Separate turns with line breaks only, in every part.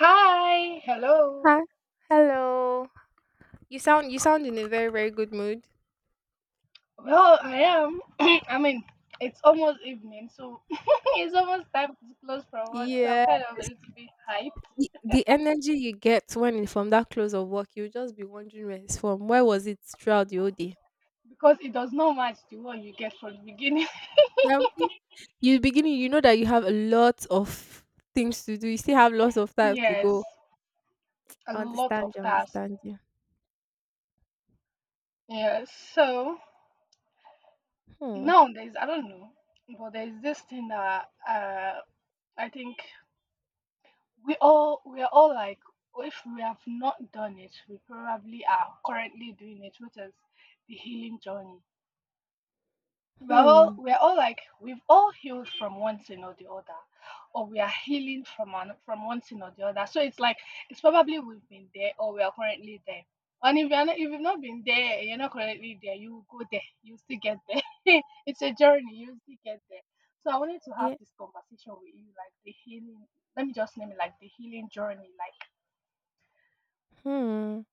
Hi, hello.
Hi. Hello. You sound in a very good mood.
Well, I am. I mean, it's almost evening, so it's almost time to close from work. So I'm
Yeah.
kind of a little bit hyped
The energy you get when from that close of work, you'll just be wondering where it's from. Where was it throughout the whole day?
because it does not match the one you get from the beginning.
Now, be- You beginning, you know that you have a lot of things to do. You still have lots of time to
Yes,
go.
a
I
lot
understand
of
you. I
tasks.
understand you.
Yes, so
Hmm.
now there's I don't know, but there's this thing that I think we are all like if we have not done it, we probably are currently doing it, which is the healing journey.
Hmm.
We're all like we've all healed from one thing or the other, or we are healing from one thing or the other. So it's like it's probably we've been there or we are currently there. And if you're not, if you've not been there, you're not currently there. You will go there. You still get there. It's a journey. You still get there. So I wanted to have
Yeah.
this conversation with you, like the healing. Let me just name it like the healing journey. Like
Hmm.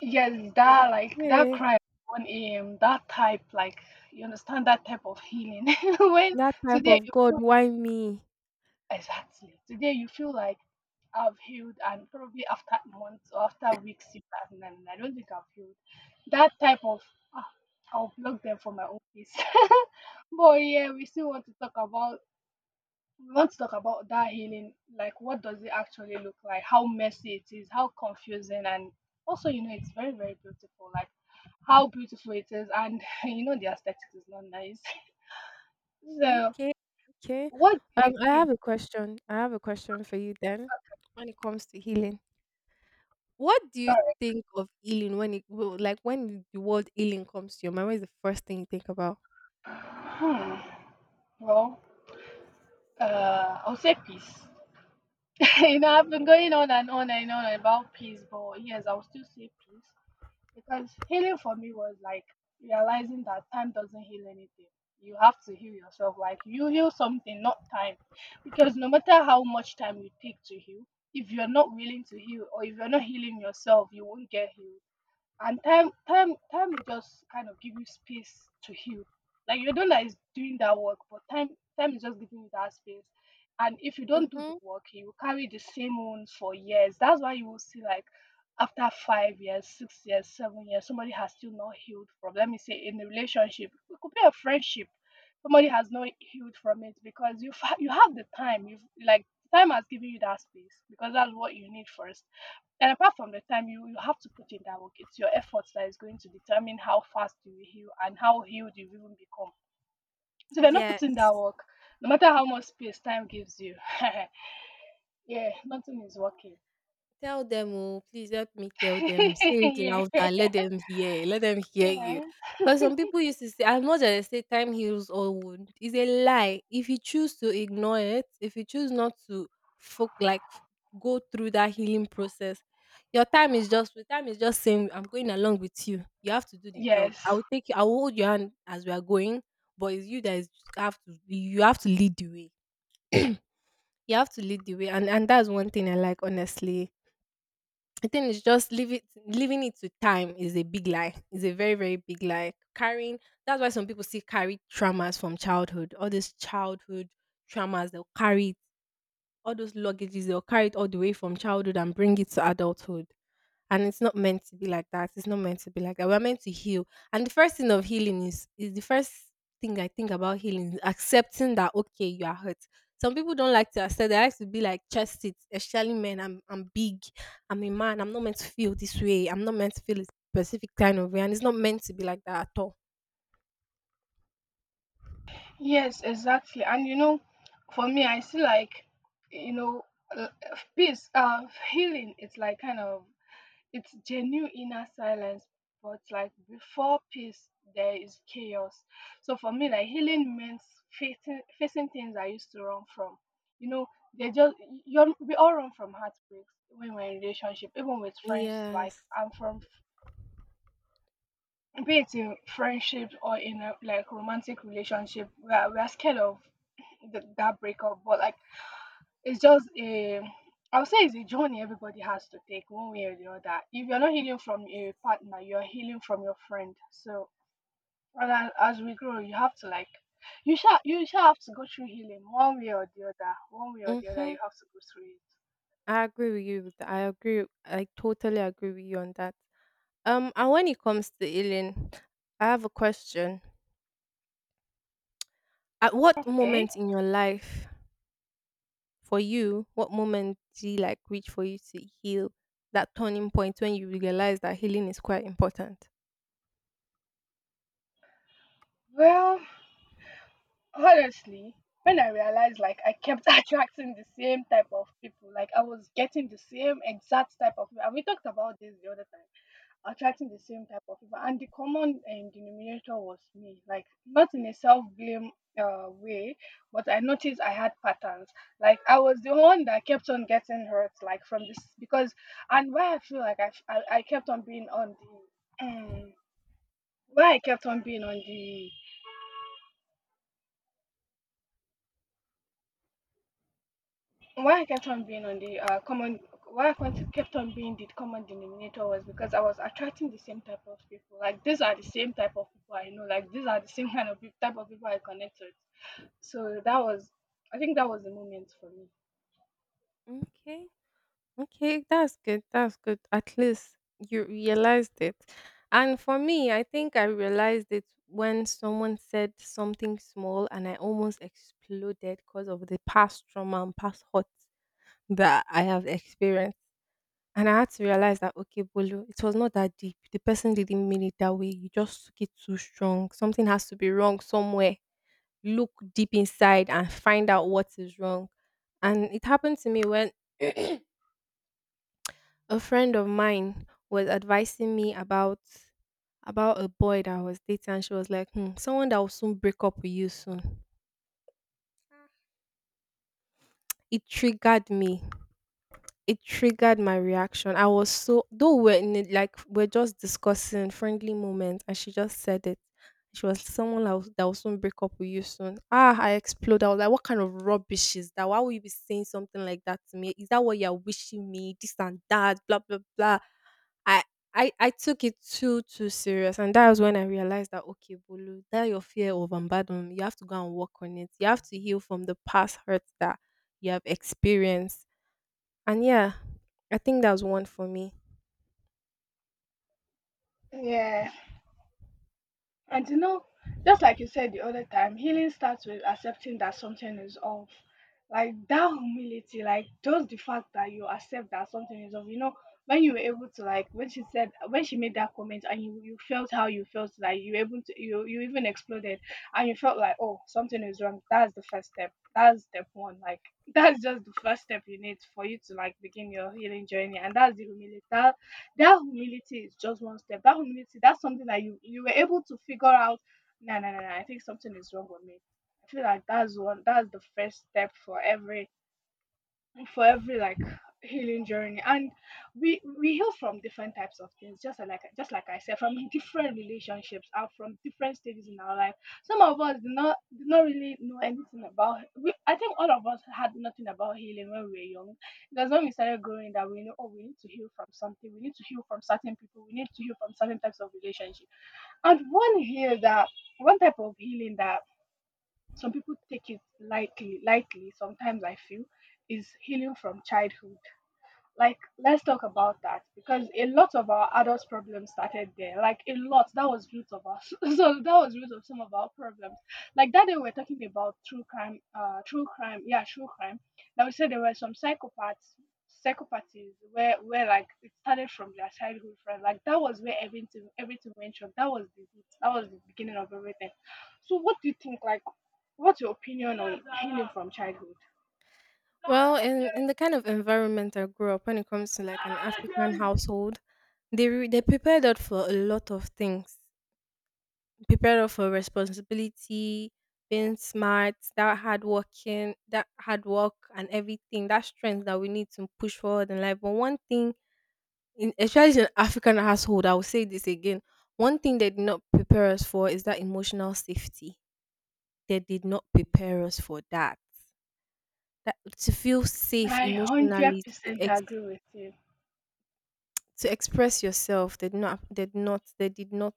yes, that
Okay.
cry at 1 a.m., that type, like you understand that type of healing. When
That type
today
of,
you
God,
feel—
why me?
Exactly. Today you feel like I've healed, and probably after months or after weeks, you are, "No, no, no, I don't think I've healed." That type of, ah, I'll block them for my own peace. But yeah, we want to talk about that healing. Like, what does it actually look like? How messy it is, how confusing, and also, it's very, very beautiful. Like, how beautiful it is, and the aesthetic is not nice. So,
Okay, okay.
what do you
I
think?
have a question. I have a question for you then. When it comes to healing, what do you
Sorry.
think of healing when it will like when the word healing comes to your mind? What is the first thing you think about?
Hmm. Well, I'll say peace. I've been going on and on and on about peace, but yes, I'll still say peace because healing for me was like realizing that time doesn't heal anything. You have to heal yourself. Like you heal something, not time. Because no matter how much time you take to heal, if you're not willing to heal or if you're not healing yourself, you won't get healed, and time will just kind of give you space to heal, like your donor is doing that work, but time is just giving you that space. And if you don't do the
Mm-hmm.
work, you will carry the same wound for years. That's why you will see like after 5 years, 6 years, 7 years, somebody has still not healed from, let me say, in a relationship, it could be a friendship. Somebody has not healed from it because you have the time, you've like, time has given you that space because that's what you need first. And apart from the time, you have to put in that work. It's your efforts that is going to determine how fast you will heal and how healed you even become. So if you're not putting
Yes.
that work, no matter how much space time gives you, yeah, nothing is working.
Tell them, oh, please help me tell them. Say it
Yeah.
louder. Let them hear. Let them hear you.
Yeah.
Because some people used to say, as much as they say time heals all wounds, it's a lie. If you choose to ignore it, if you choose not to fo- like f- go through that healing process, your time is just saying, I'm going along with you. You have to do the job.
Yes.
I will take you, I will hold your hand as we are going, but it's you that is have to you have to lead the way. You have to lead the way. And that's one thing I like, honestly. I think it's just leave it leaving it to time is a big lie. It's a very, very big lie. Carrying that's why some people still carry traumas from childhood. All these childhood traumas they'll carry it, all those luggages, they'll carry it all the way from childhood and bring it to adulthood, and it's not meant to be like that. It's not meant to be like that. We're meant to heal. And the first thing of healing is the first thing I think about healing is accepting that, okay, you are hurt. Some people don't like to accept. They like to be like chest it, especially men. I'm big. I'm a man. I'm not meant to feel this way. I'm not meant to feel a specific kind of way, and it's not meant to be like that at all.
Yes, exactly. And for me, I see like, you know, uh, peace, healing. It's like kind of it's genuine inner silence, but like before peace there is chaos. So for me, like, healing means facing things I used to run from. You know, they just— you, we all run from heartbreaks when we're in relationship, even with friends, like
Yes.
I'm from— be it in friendship or in a like romantic relationship, we are scared of that breakup. But like it's just a— I would say it's a journey everybody has to take one way or the other. If you're not healing from a partner, you're healing from your friend. So and as, as we grow, you have to like you shall have to go through healing one way or the other. One way or the other,
Mm-hmm.
you have to go through
I agree with you. I agree. I totally agree with you on that. And when it comes to healing, I have a question. At
it.
what
Okay.
moment in your life, for you, what moment do you like reach for you to heal? That turning point when you realize that healing is quite important.
Well, honestly, when I realized like I kept attracting the same type of people, like I was getting the same exact type of. And we talked about this the other time— attracting the same type of people, and the common denominator was me, like not in a self-blame way, but I noticed I had patterns. Like I was the one that kept on getting hurt, like from this because— and why I feel like I kept on being on the why i kept on being on the why I kept on being on the common why kept on being the common denominator was because I was attracting the same type of people. Like these are the same type of people I know. Like these are the same type of people I connect with. So that was— I think that was the moment for me.
Okay, okay, that's good. That's good. At least you realized it. And for me, I think I realized it when someone said something small and I almost exploded because of the past trauma and past hurt that I have experienced. And I had to realize that, okay, Bolu, it was not that deep. The person didn't mean it that way. You just took it too strong. Something has to be wrong somewhere. Look deep inside and find out what is wrong. And it happened to me when a friend of mine was advising me about a boy that I was dating and she was like, hmm, someone that will soon break up with you soon. It triggered me it triggered my reaction. I was so though we're in it like we're just discussing friendly moments, and she just said it. She was that will soon break up with you soon. Ah, I exploded. I was like, what kind of rubbish is that? Why would you be saying something like that to me? Is that what you're wishing me? This and that, blah blah blah. I I took it too serious, and that was when I realized that, okay, Bolu, that your fear of abandonment, you have to go and work on it. You have to heal from the past hurts that you have experienced, and yeah, I think that's one for me.
Yeah. And you know, just like you said the other time, healing starts with accepting that something is off. Like that humility, like just the fact that you accept that something is off. You know, when you were able to like when she said when she made that comment, and you felt how you felt, like you were able to you even exploded, and you felt like, oh, something is wrong. That's the first step. That's step one. Like that's just the first step you need for you to like begin your healing journey. And that's the humility. That humility is just one step. That humility, that's something that you were able to figure out. Nah, nah, nah, nah. I think something is wrong with me. I feel like that's one. That's the first step for every— for every like healing journey. And we heal from different types of things, just like I said, from different relationships and from different stages in our life. Some of us do not really know anything about— I think all of us had nothing about healing when we were young, because when we started growing, that we know, oh, we need to heal from something, we need to heal from certain people, we need to heal from certain types of relationship. And one type of healing that some people take it lightly sometimes, I feel, is healing from childhood. Like let's talk about that because a lot of our adults problems started there. Like a lot— that was root of us. So that was root of some of our problems. Like that day we were talking about true crime, yeah, true crime, that we said there were some psychopaths, psychopathies, where like it started from their childhood friend, like that was where everything went wrong. That was the root, that was the beginning of everything. So what do you think like— what's your opinion on healing from childhood?
Well, in the kind of environment I grew up, when it comes to like an African household, they prepared us for a lot of things. Prepared us for responsibility, being smart, that hard working, that hard work, and everything that strength that we need to push forward in life. But one thing, in, especially in African household, I will say this again. One thing they did not prepare us for is that emotional safety. They did not prepare us for that. That to feel safe
I hundred
emotionally
percent agree with you.
to express yourself. They did not they did not they did not.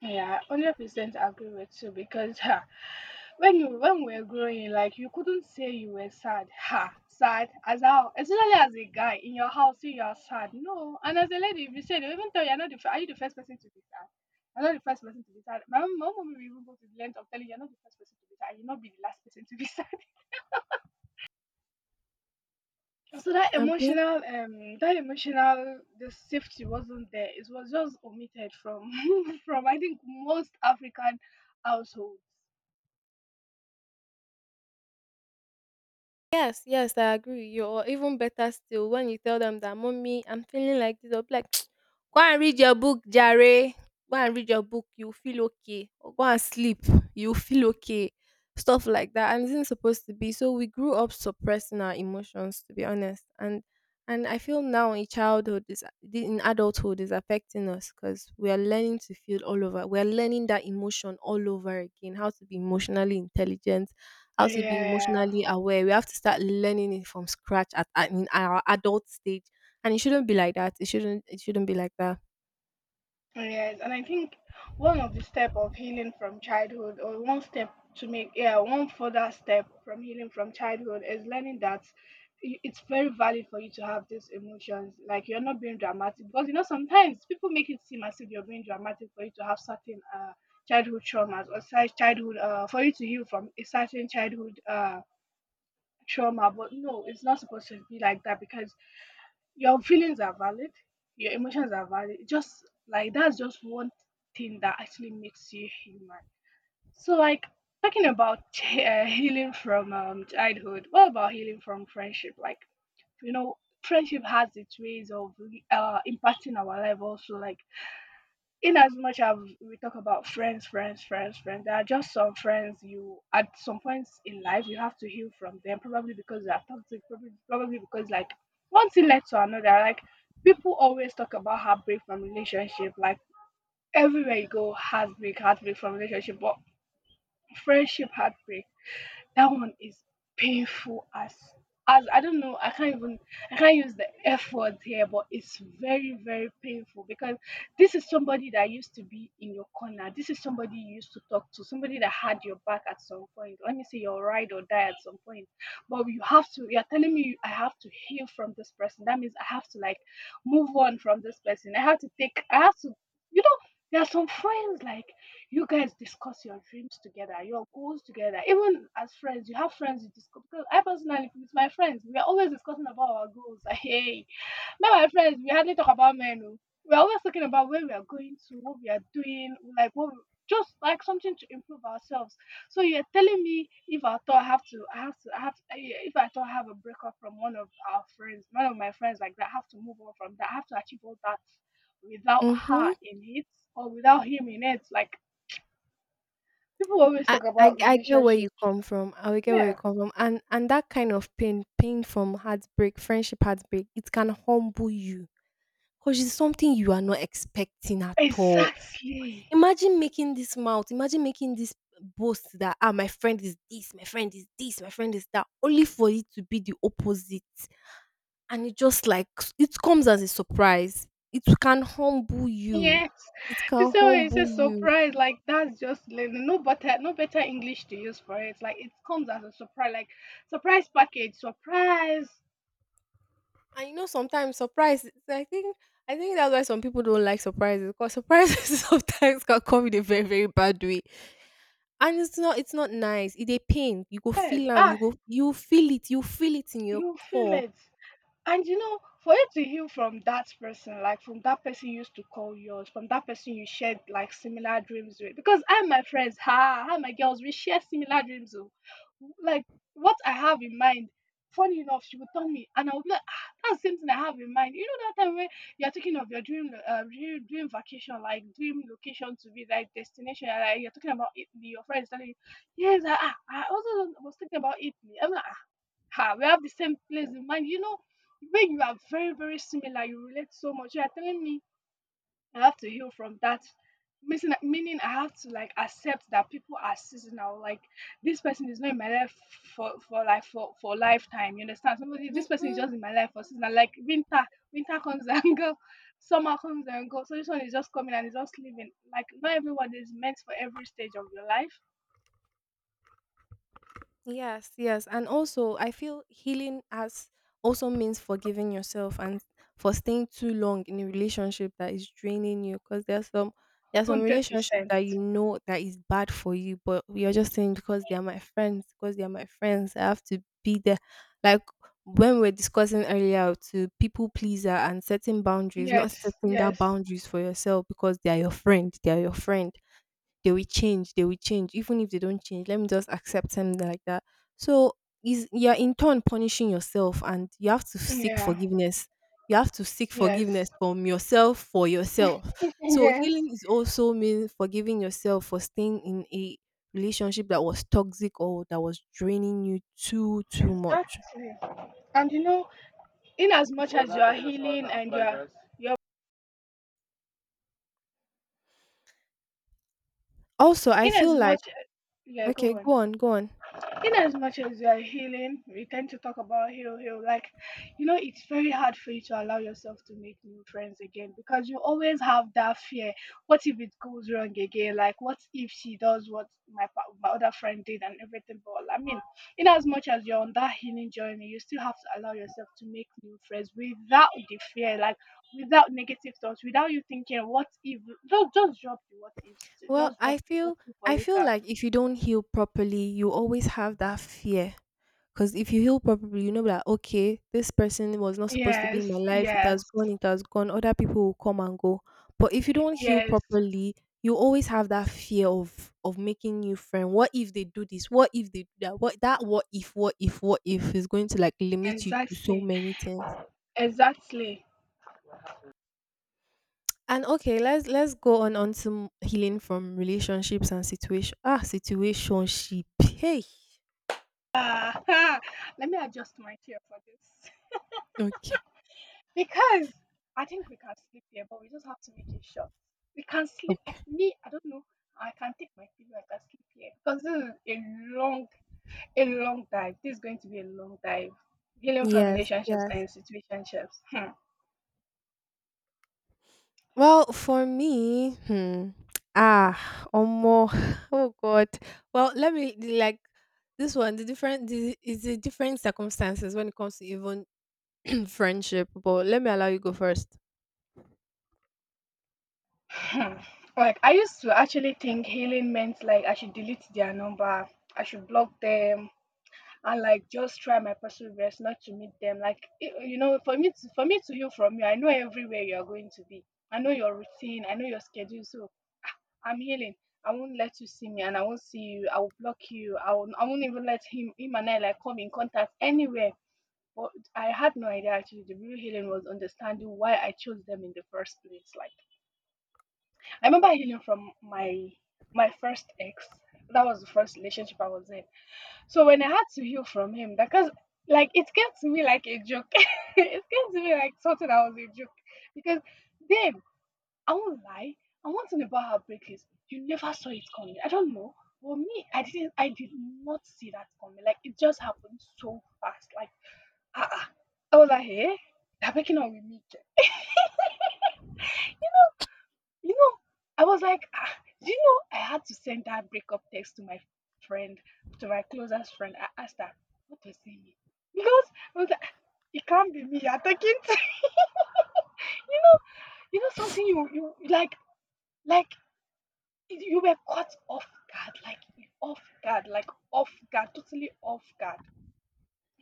Yeah, I 100% agree with you because, ha, when you— when we were growing, like you couldn't say you were sad. Ha, sad as how, especially as a guy in your house, you are sad. No, and as a lady, if you say, they will even tell you, you're not the are you the first person to be sad? You're not the first person to be sad. My mom will even go to the length of telling you, you're not the first person to be sad. You'll not be the last person to be sad. So
Abi?
that emotional, the safety wasn't there. It was just omitted from, from, I think, most African households.
Yes, yes, I agree with you. Or even better still, when you tell them that, Mommy, I'm feeling like this, they'll be like, go and read your book, Jare. Go and read your book, you'll feel okay. Or go and sleep, you'll feel okay. Stuff like that. And it isn't supposed to be. So we grew up suppressing our emotions, to be honest. And I feel now in childhood, is in adulthood, is affecting us because we are learning to feel all over. We are learning that emotion all over again, how to be emotionally intelligent, how to be
Yeah.
emotionally aware. We have to start learning it from scratch at in our adult stage, and it shouldn't be like that. It shouldn't. It shouldn't be like that.
Oh, yes, and I think one of the step of healing from childhood, or one step to make, yeah, one further step from healing from childhood is learning that it's very valid for you to have these emotions. Like you're not being dramatic because you know sometimes people make it seem as if you're being dramatic for you to have certain childhood traumas, or such childhood for you to heal from a certain childhood trauma. But no, it's not supposed to be like that because your feelings are valid, your emotions are valid, just like that's just one thing that actually makes you human. So like talking about healing from childhood, what about healing from friendship? Like, you know, friendship has its ways of impacting our life also. Like in as much as we talk about friends, there are just some friends you— at some points in life you have to heal from them, probably because they are toxic, probably because like one thing led to another. Like people always talk about heartbreak from relationship, like everywhere you go, heartbreak, heartbreak from relationship, but friendship heartbreak, that one is painful as I don't know, I can't use the F word here, but it's very, very painful because this is somebody that used to be in your corner. This is somebody you used to talk to, somebody that had your back at some point. Let me say your ride or die at some point. But you have to you're telling me I have to heal from this person. That means I have to, like, move on from this person. I have to, you know, there are some friends, like, you guys discuss your dreams together, your goals together. Even as friends, you have friends you discuss. Because I personally, with my friends, we are always discussing about our goals. Hey, me and my friends, we hardly talk about men. Oh. We are always talking about where we are going to, what we are doing, like just like something to improve ourselves. So you're telling me if I thought I have to, I have to, I have to, eh, if I thought I have a breakup from one of our friends, one of my friends like that, I have to move on from that. I have to achieve all that without her
Mm-hmm.
in it, or without him in it. Like, people always
I,
talk
I
about
I get where you
relationship.
come from. I get where you
Yeah,
come from, and that kind of pain, pain from heartbreak, friendship heartbreak, it can humble you because it's something you are not expecting at all.
exactly.
Imagine making this mouth. Imagine making this boast that ah, my friend is this, my friend is this, my friend is that, only for it to be the opposite. And it just like it comes as a surprise. It can humble you.
Yes,
It can
this one is
humble
a
you.
surprise. Like, that's just like, no better, no better English to use for it. Like, it comes as a surprise, like surprise package, surprise.
And you know sometimes surprise I think that's why some people don't like surprises because surprises sometimes can come in a very, very bad way. And it's not nice. It's a pain. You go
Yes,
feel them.
ah,
You feel it in your
you feel
core.
it. And you know, for you to heal from that person, like from that person you used to call yours, from that person you shared like similar dreams with, because I and my friends, ha, I and my girls, we share similar dreams. Oh. Like, what I have in mind, funny enough, she would tell me, and I would be like, ah, that's the same thing I have in mind. You know that time when you're thinking of your dream vacation, like dream location to be, like, destination, and like, you're talking about Italy, your friends telling you, yes, I I also was thinking about Italy. I'm like, "Ah, ah, we have the same place in mind." You know, when you are very, very similar, you relate so much. You are telling me I have to heal from that. Meaning I have to, like, accept that people are seasonal. Like, this person is not in my life for for lifetime. You understand? Somebody, this person is
Mhm.
just in my life for seasonal. Like winter, winter comes and go, summer comes and go. So this one is just coming and is just leaving. Like, not everyone is meant for every stage of your life.
Yes, yes. And also, I feel healing as also means forgiving yourself and for staying too long in a relationship that is draining you because there's some
Hundred
relationship
percent.
that you know that is bad for you, but you're just saying because they are my friends, because they are my friends, I have to be there. Like when we were discussing earlier to people pleaser and setting boundaries, not
Yes.
setting that
Yes.
boundaries for yourself because they are your friend, they are your friend they will change, they will change. Even if they don't change, let me just accept them like that. So is you're in turn punishing yourself and you have to seek
Yeah.
forgiveness. You have to seek forgiveness
Yes.
from yourself for yourself. So
Yes,
healing is also mean forgiving yourself for staying in a relationship that was toxic or that was draining you too much.
exactly. And you know, in as much as you are healing and you're
Also, I
in as
feel like
much yeah,
okay,
go on.
go on, go on.
In as much as you are healing, we tend to talk about heal, heal. Like, you know, it's very hard for you to allow yourself to make new friends again because you always have that fear. What if it goes wrong again? Like, what if she does what my other friend did and everything? But I mean, in as much as you're on that healing journey, you still have to allow yourself to make new friends without the fear, like without negative thoughts, without you thinking, what if? Just drop the what ifs.
Well,
Just drop
I
the what
feel
if for later.
like if you don't heal properly, you always have that fear. Because if you heal properly, you know that okay, this person was not supposed to be in
Yes,
my life. It has
yes.
gone, it has gone. Other people will come and go. But if you don't heal
Yes,
properly, you always have that fear of making new friend. What if they do this? What if they do that? What that what if what if what if is going to like limit you to so
exactly,
many things.
exactly.
And okay, let's go on to healing from relationships and situationship. Hey,
Ah, let me adjust my chair for this
okay,
because I think we can sleep here, but we just have to make it short. We can sleep.
okay.
Me, I don't know. I can take my pillow. I can sleep here because this is long, a long dive. This is going to be a long dive. Healing from
Yes,
relationships
yes.
and situationships. Hmm.
Well, for me, hmm, ah, omo, oh God. Well, let me like this one. The different the, is the different circumstances when it comes to even friendship. But let me allow you go first.
Hmm. Like, I used to actually think healing meant like I should delete their number, I should block them, and like just try my personal best not to meet them. Like you know, for me to heal from you, I know everywhere you are going to be. I know your routine. I know your schedule. So I'm healing. I won't let you see me, and I won't see you. I will block you. I won't even let him and I like come in contact anywhere. But I had no idea actually. The real healing was understanding why I chose them in the first place. Like, I remember healing from my first ex. That was the first relationship I was in, so when I had to heal from him, because, like, it came to me like a joke, it came to me like something that was a joke. Because then I won't lie, I want to know about heartbreak is you never saw it coming. I don't know, but me, I did not see that coming. Like, it just happened so fast. Like, ah, uh, I was like, hey, they're breaking up with me. You know. You know, I was like, ah, do you know I had to send that breakup text to my friend, to my closest friend. I asked her, what does it mean? Because I was like, "Ah, it can't be me. You're taking t-" you know, you know something you like you were caught off guard, like off guard, like off guard, totally off guard.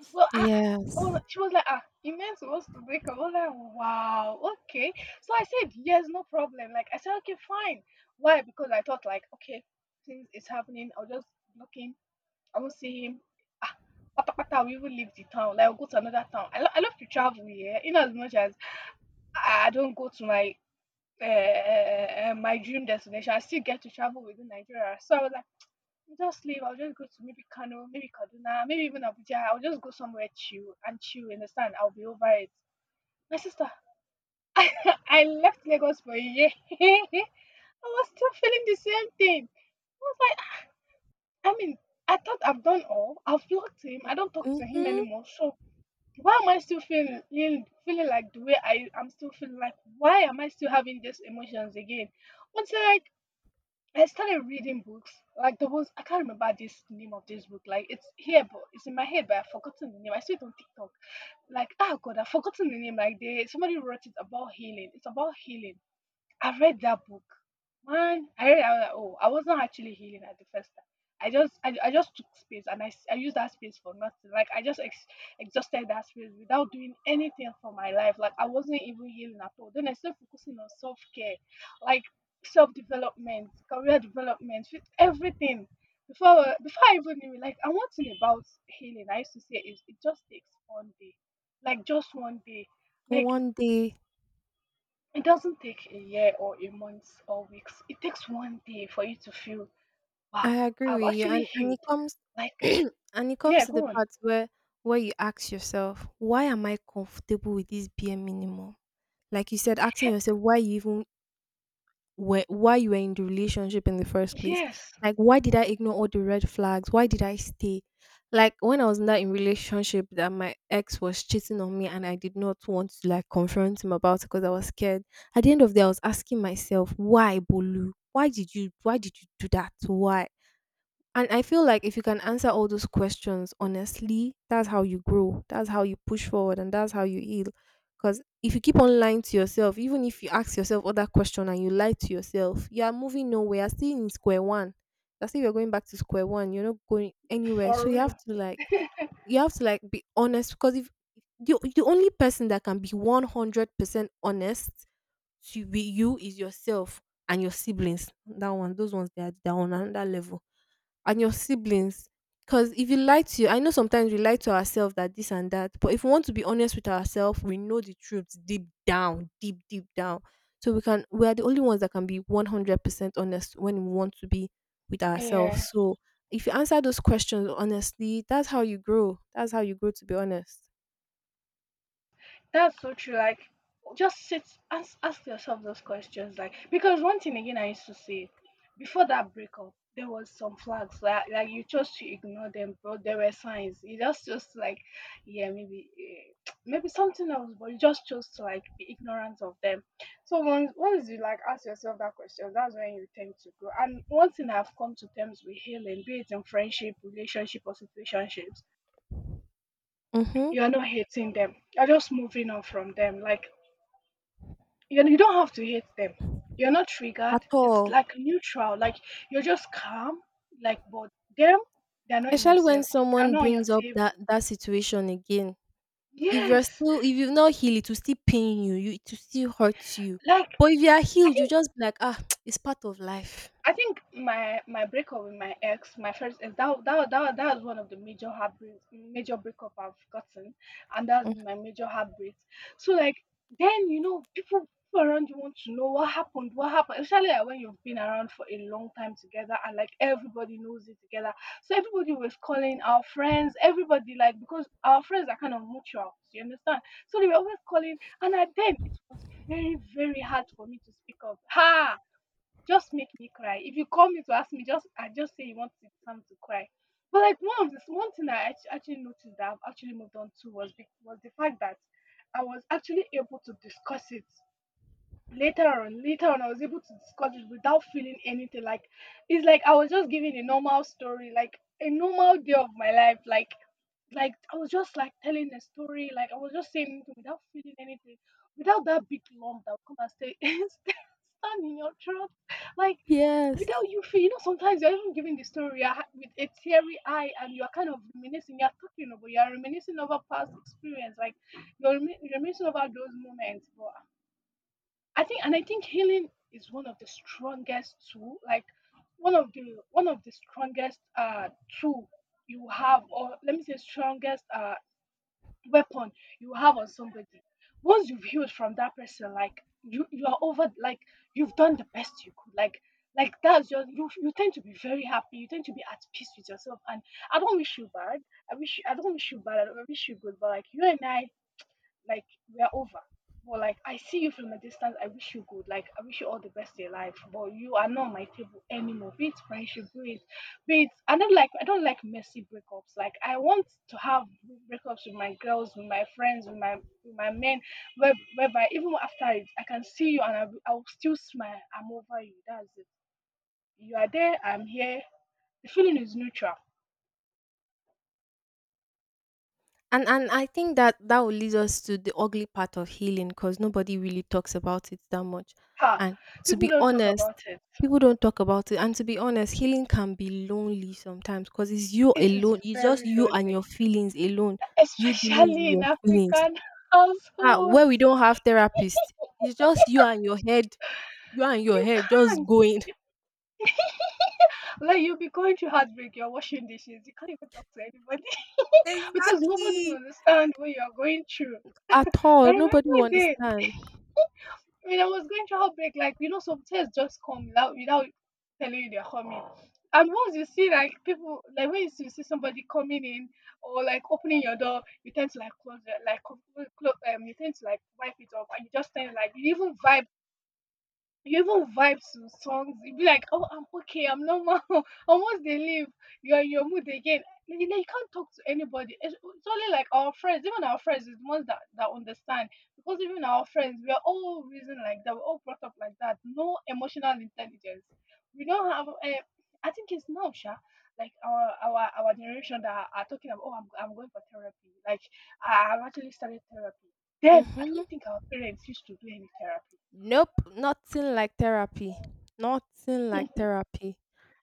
So I, I- oh,
Yes.
like, she was like, ah, you meant for us to break up. I was like, wow, okay. So I said, yes, no problem. Like, I said, okay, fine. Why? Because I thought like, okay, since it's happening, I'll just block him. I won't see him. Ah, pata pata, we will leave the town. Like, I'll go to another town. I love to travel here. In as much as I don't go to my my dream destination, I still get to travel within Nigeria. So I was just leave. I'll just go to maybe Kano, maybe Kaduna, maybe even Abuja. I'll just go somewhere chill and chill. You understand? I'll be over it. My sister, I left Lagos for a year. I was still feeling the same thing. I was like, "Ah, I mean, I thought I've done all. I've blocked him. I don't talk to him
Mm-hmm.
anymore. So why am I still feeling like the way I am still feeling like? Why am I still having these emotions again? Until I started reading books. Like, there was, I can't remember this name of this book. Like, it's here, but it's in my head, but I've forgotten the name. I saw it on TikTok. Like, ah, god, I've forgotten the name. Like, they somebody wrote it about healing. It's about healing. I've read that book. Man, I read. I was like, oh, I wasn't actually healing at the first time. I just took space and I used that space for nothing. Like, I just exhausted that space without doing anything for my life. Like, I wasn't even healing at all. Then I started focusing on self care, like self development, career development, everything. Before I even knew it, like, and one thing about healing, I used to say is it just takes one day, like just one day. Like,
One day.
it doesn't take a year or a month or weeks. It takes one day for you to feel, wow,
I agree
I've
with you,
actually
and it
healed.
comes
Like,
and it
yeah,
comes to the
go on.
part where you ask yourself, why am I comfortable with this bare minimum? Like you said, asking
Yeah,
yourself why you even were why you were in the relationship in the first place.
yes,
Like why did I ignore all the red flags? Why did I stay? Like when I was in that in relationship that my ex was cheating on me and I did not want to like confront him about it because I was scared. At the end of the day, I was asking myself, why Bolu? Why did you do that? Why? And I feel like if you can answer all those questions honestly, that's how you grow. That's how you push forward, and that's how you heal. Because if you keep on lying to yourself, even if you ask yourself other question and you lie to yourself, you are moving nowhere. You're still in square one. That's if you're going back to square one. You're not going anywhere. So
for
you have
real.
to like you have to like be honest, because if the only person that can be 100% honest to be you is yourself and your siblings, that one, those ones, they are on another level and your siblings. Because if you lie to you, I know sometimes we lie to ourselves that this and that, but if we want to be honest with ourselves, we know the truth deep down, deep, deep down. So we are the only ones that can be 100% honest when we want to be with
Yeah.
ourselves. So if you answer those questions honestly, that's how you grow. That's how you grow, to be honest.
That's so true. Like, just sit, ask yourself those questions. Like, because one thing again, I used to say before that breakup, there was some flags like you chose to ignore them, but there were signs. You just chose to, like, yeah, maybe, eh, maybe something else, but you just chose to like be ignorant of them. So once you like ask yourself that question, that's when you tend to grow. And one thing I've come to terms with healing, be it in friendship, relationship, or situationships,
Mm-hmm.
you're not hating them. You're just moving on from them. Like, you know you don't have to hate them, you're not triggered,
At
it's
all.
like neutral, like, you're just calm, like, but them, they're not in your
Especially when
circle, they're
someone
not on your
brings up
table.
that situation again.
Yes,
If you've not healed, it will still pain you, it will still hurt you.
like,
But if you are
i
healed, you
think
just be like, "Ah, it's part of life."
I think my breakup with my ex, my first ex, that was one of the major heartbreak, major breakup I've gotten, and that's
Mm.
my major heartbreak. So like then you know people around you want to know what happened, especially like, when you've been around for a long time together and like everybody knows it together. So everybody was calling our friends, everybody like because our friends are kind of mutual, you understand? So they were always calling, and at then it was very hard for me to speak up. Ha! Just make me cry. If you call me to ask me, just I just say you want to time to cry. But like one of this one thing I actually noticed that I've actually moved on to was the fact that I was actually able to discuss it later on. Later on, I was able to discuss it without feeling anything. Like it's like I was just giving a normal story, like a normal day of my life. Like I was just like telling the story, like I was just saying it without feeling anything, without that big lump that will come and stay stand in your throat, like
Yes.
without you feel. You know, sometimes you're even giving the story with a teary eye, and you're kind of reminiscing. You're reminiscing over past experience, like you're reminiscing over those moments. But and I think healing is one of the strongest tool, like one of the strongest tool you have, or let me say strongest weapon you have on somebody. Once you've healed from that person, like you are over, like you've done the best you could. Like that's your you tend to be very happy. You tend to be at peace with yourself. And I don't wish you bad. I don't wish you bad. I don't wish you good. But like you and I, like we are over. But like I see you from a distance, I wish you good. Like I wish you all the best in your life. But you are not on my table anymore. Be it friendship, be it, be it. I don't like messy breakups. Like I want to have breakups with my girls, with my friends, with my men, whereby even after it, I can see you and I will still smile. I'm over you. That's it. You are there. I'm here. The feeling is neutral.
And I think that will lead us to the ugly part of healing, because nobody really talks about it that much.
Ha!
And to
People
be
don't talk
honest,
about it.
people don't talk about it. And to be honest, healing can be lonely sometimes, because it's you
It is
alone. It's just
very
you and your
lonely,
feelings alone. You dealing with
especially in
your feelings.
African
Ah, where
households.
we don't have therapists, it's just you and your head. You and your
You
head just
can't.
going.
You- like you'll be going through heartbreak, you're washing dishes, you can't even talk to anybody because nobody will
Exactly.
understand what you're going through.
At
I
all. Nobody will
remember then
understand.
when I was going through heartbreak, like you know, some tears just come without telling you they're coming. And once you see like people like when you see somebody coming in or like opening your door, you tend to like close it like close, you tend to like wipe it off and you just tend like you even vibe you even vibe to songs. You be like, "Oh, I'm okay. I'm normal." Almost they leave, you're in your mood again. Like, you know, you can't talk to anybody. It's only like our friends. Even our friends is the ones that understand because even our friends, we are all reason like that. We're all brought up like that. No emotional intelligence. We don't have. I think it's now, Sha. Like our generation that are talking about. Oh, I'm going for therapy. Like I've actually started therapy. Then I
Mm-hmm.
don't think our parents used to do any therapy.
Nope. Nothing like therapy. Nothing like therapy.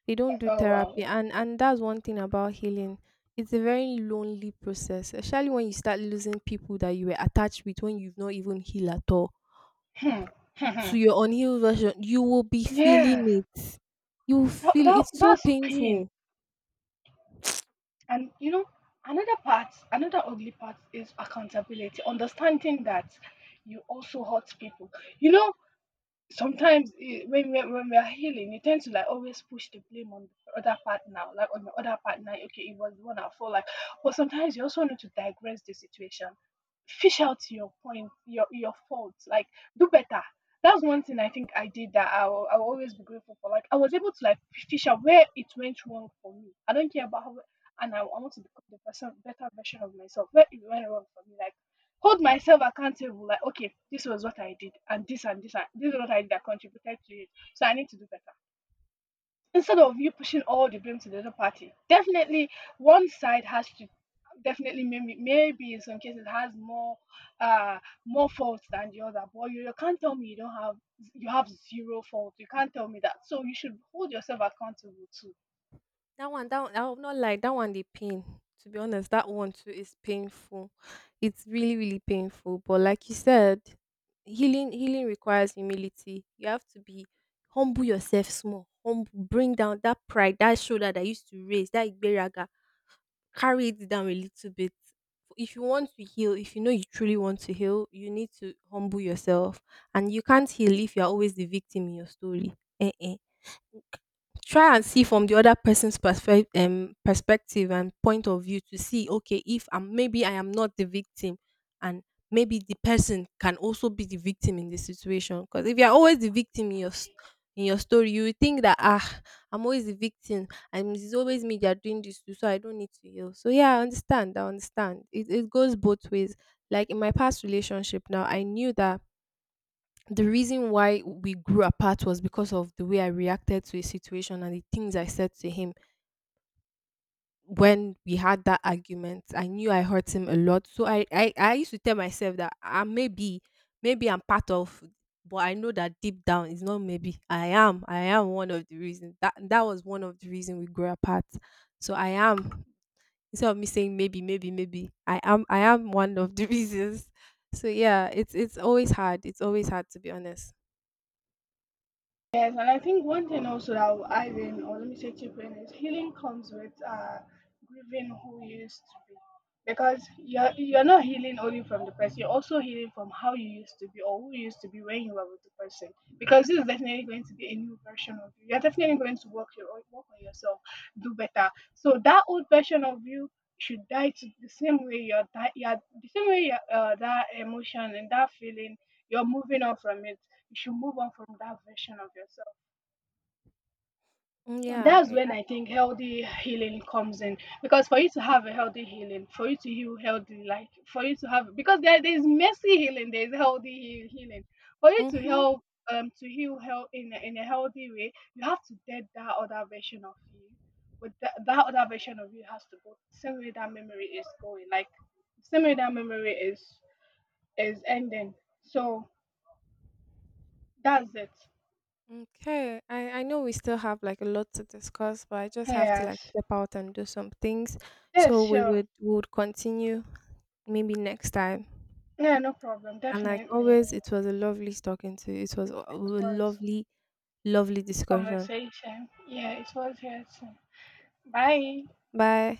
They don't do
Oh
therapy.
wow.
And that's one thing about healing. It's a very lonely process, especially when you start losing people that you were attached with when you've not even healed at all.
Hmm, hmm, hmm.
To your unhealed version, you will be
Yeah,
feeling it. You will feel it's so
that's pain.
painful.
And you know, another part, another ugly part is accountability, understanding that you also hurt people. You know, when we're healing, you tend to like always push the blame on the other partner, like on the other partner. Okay, it was the one at fault. Like, but sometimes you also need to digress the situation, fish out your point, your faults. Like, do better. That's one thing I think I did that I'll always be grateful for. Like, I was able to like fish out where it went wrong for me. I don't care about how, and I want to become the person, better version of myself. Where it went wrong for me, like hold myself accountable. Like okay, this was what I did, and this and this and this is what I did that contributed to it, so I need to do better instead of you pushing all the blame to the other party. Definitely one side has to, definitely maybe in some cases has more uh more faults than the other. But you can't tell me you don't have, you have zero fault. You can't tell me that, so you should hold yourself accountable to.
I will not lie. That one, the pain. To be honest, that one too is painful. It's really, really painful. But like you said, healing requires humility. You have to be humble yourself, small, humble. Bring down that pride, that shoulder that used to raise, that igberaga. Carry it down a little bit. If you want to heal, if you know you truly want to heal, you need to humble yourself. And you can't heal if you're always the victim in your story. Eh, eh try and see from the other person's perspective and point of view to see, okay, if I'm maybe I am not the victim, and maybe the person can also be the victim in this situation. Because if you're always the victim in your in your story, you will think that, ah, I'm always the victim and it's always me they're doing this to, so I don't need to heal. So yeah, I understand. It, it goes both ways. Like in my past relationship now, I knew that the reason why we grew apart was because of the way I reacted to a situation and the things I said to him when we had that argument. I knew I hurt him a lot. So I used to tell myself that I maybe maybe I'm part of, but I know that deep down it's not maybe. I am. I am one of the reasons. That was one of the reasons we grew apart. So I am, instead of me saying maybe, maybe, maybe, I am one of the reasons. So yeah, it's always hard. It's always hard, to be honest.
Yes, and I think one thing also that will add in, or let me say chip in, is healing comes with grieving who you used to be. Because you're not healing only from the person, you're also healing from how you used to be or who you used to be when you were with the person. Because this is definitely going to be a new version of you. You're definitely going to work on yourself, do better. So that old version of you should die. To the same way you're, di- you're the same way that emotion and that feeling, you're moving on from it, you should move on from that version of yourself.
Mm.
And that's
Yeah.
when I think healthy healing comes in. Because for you to have a healthy healing, for you to heal healthy, like for you to have, because there is messy healing, there is healthy healing. For you to
Mm-hmm.
help to heal health in a healthy way, you have to dead that other version of you. But that other version of you has to go. Same way that memory is going, like same way that memory is ending. So that's it.
Okay. I know we still have like a lot to discuss, but I just have to like
Yes.
step out and do some things.
Yes,
So
sure.
we would continue maybe next time.
Yeah, no problem.
And like
Definitely. It
always, it was a lovely talking to you. It was a
was
lovely, lovely discussion.
conversation. Yeah, it was yes. Bye.
Bye.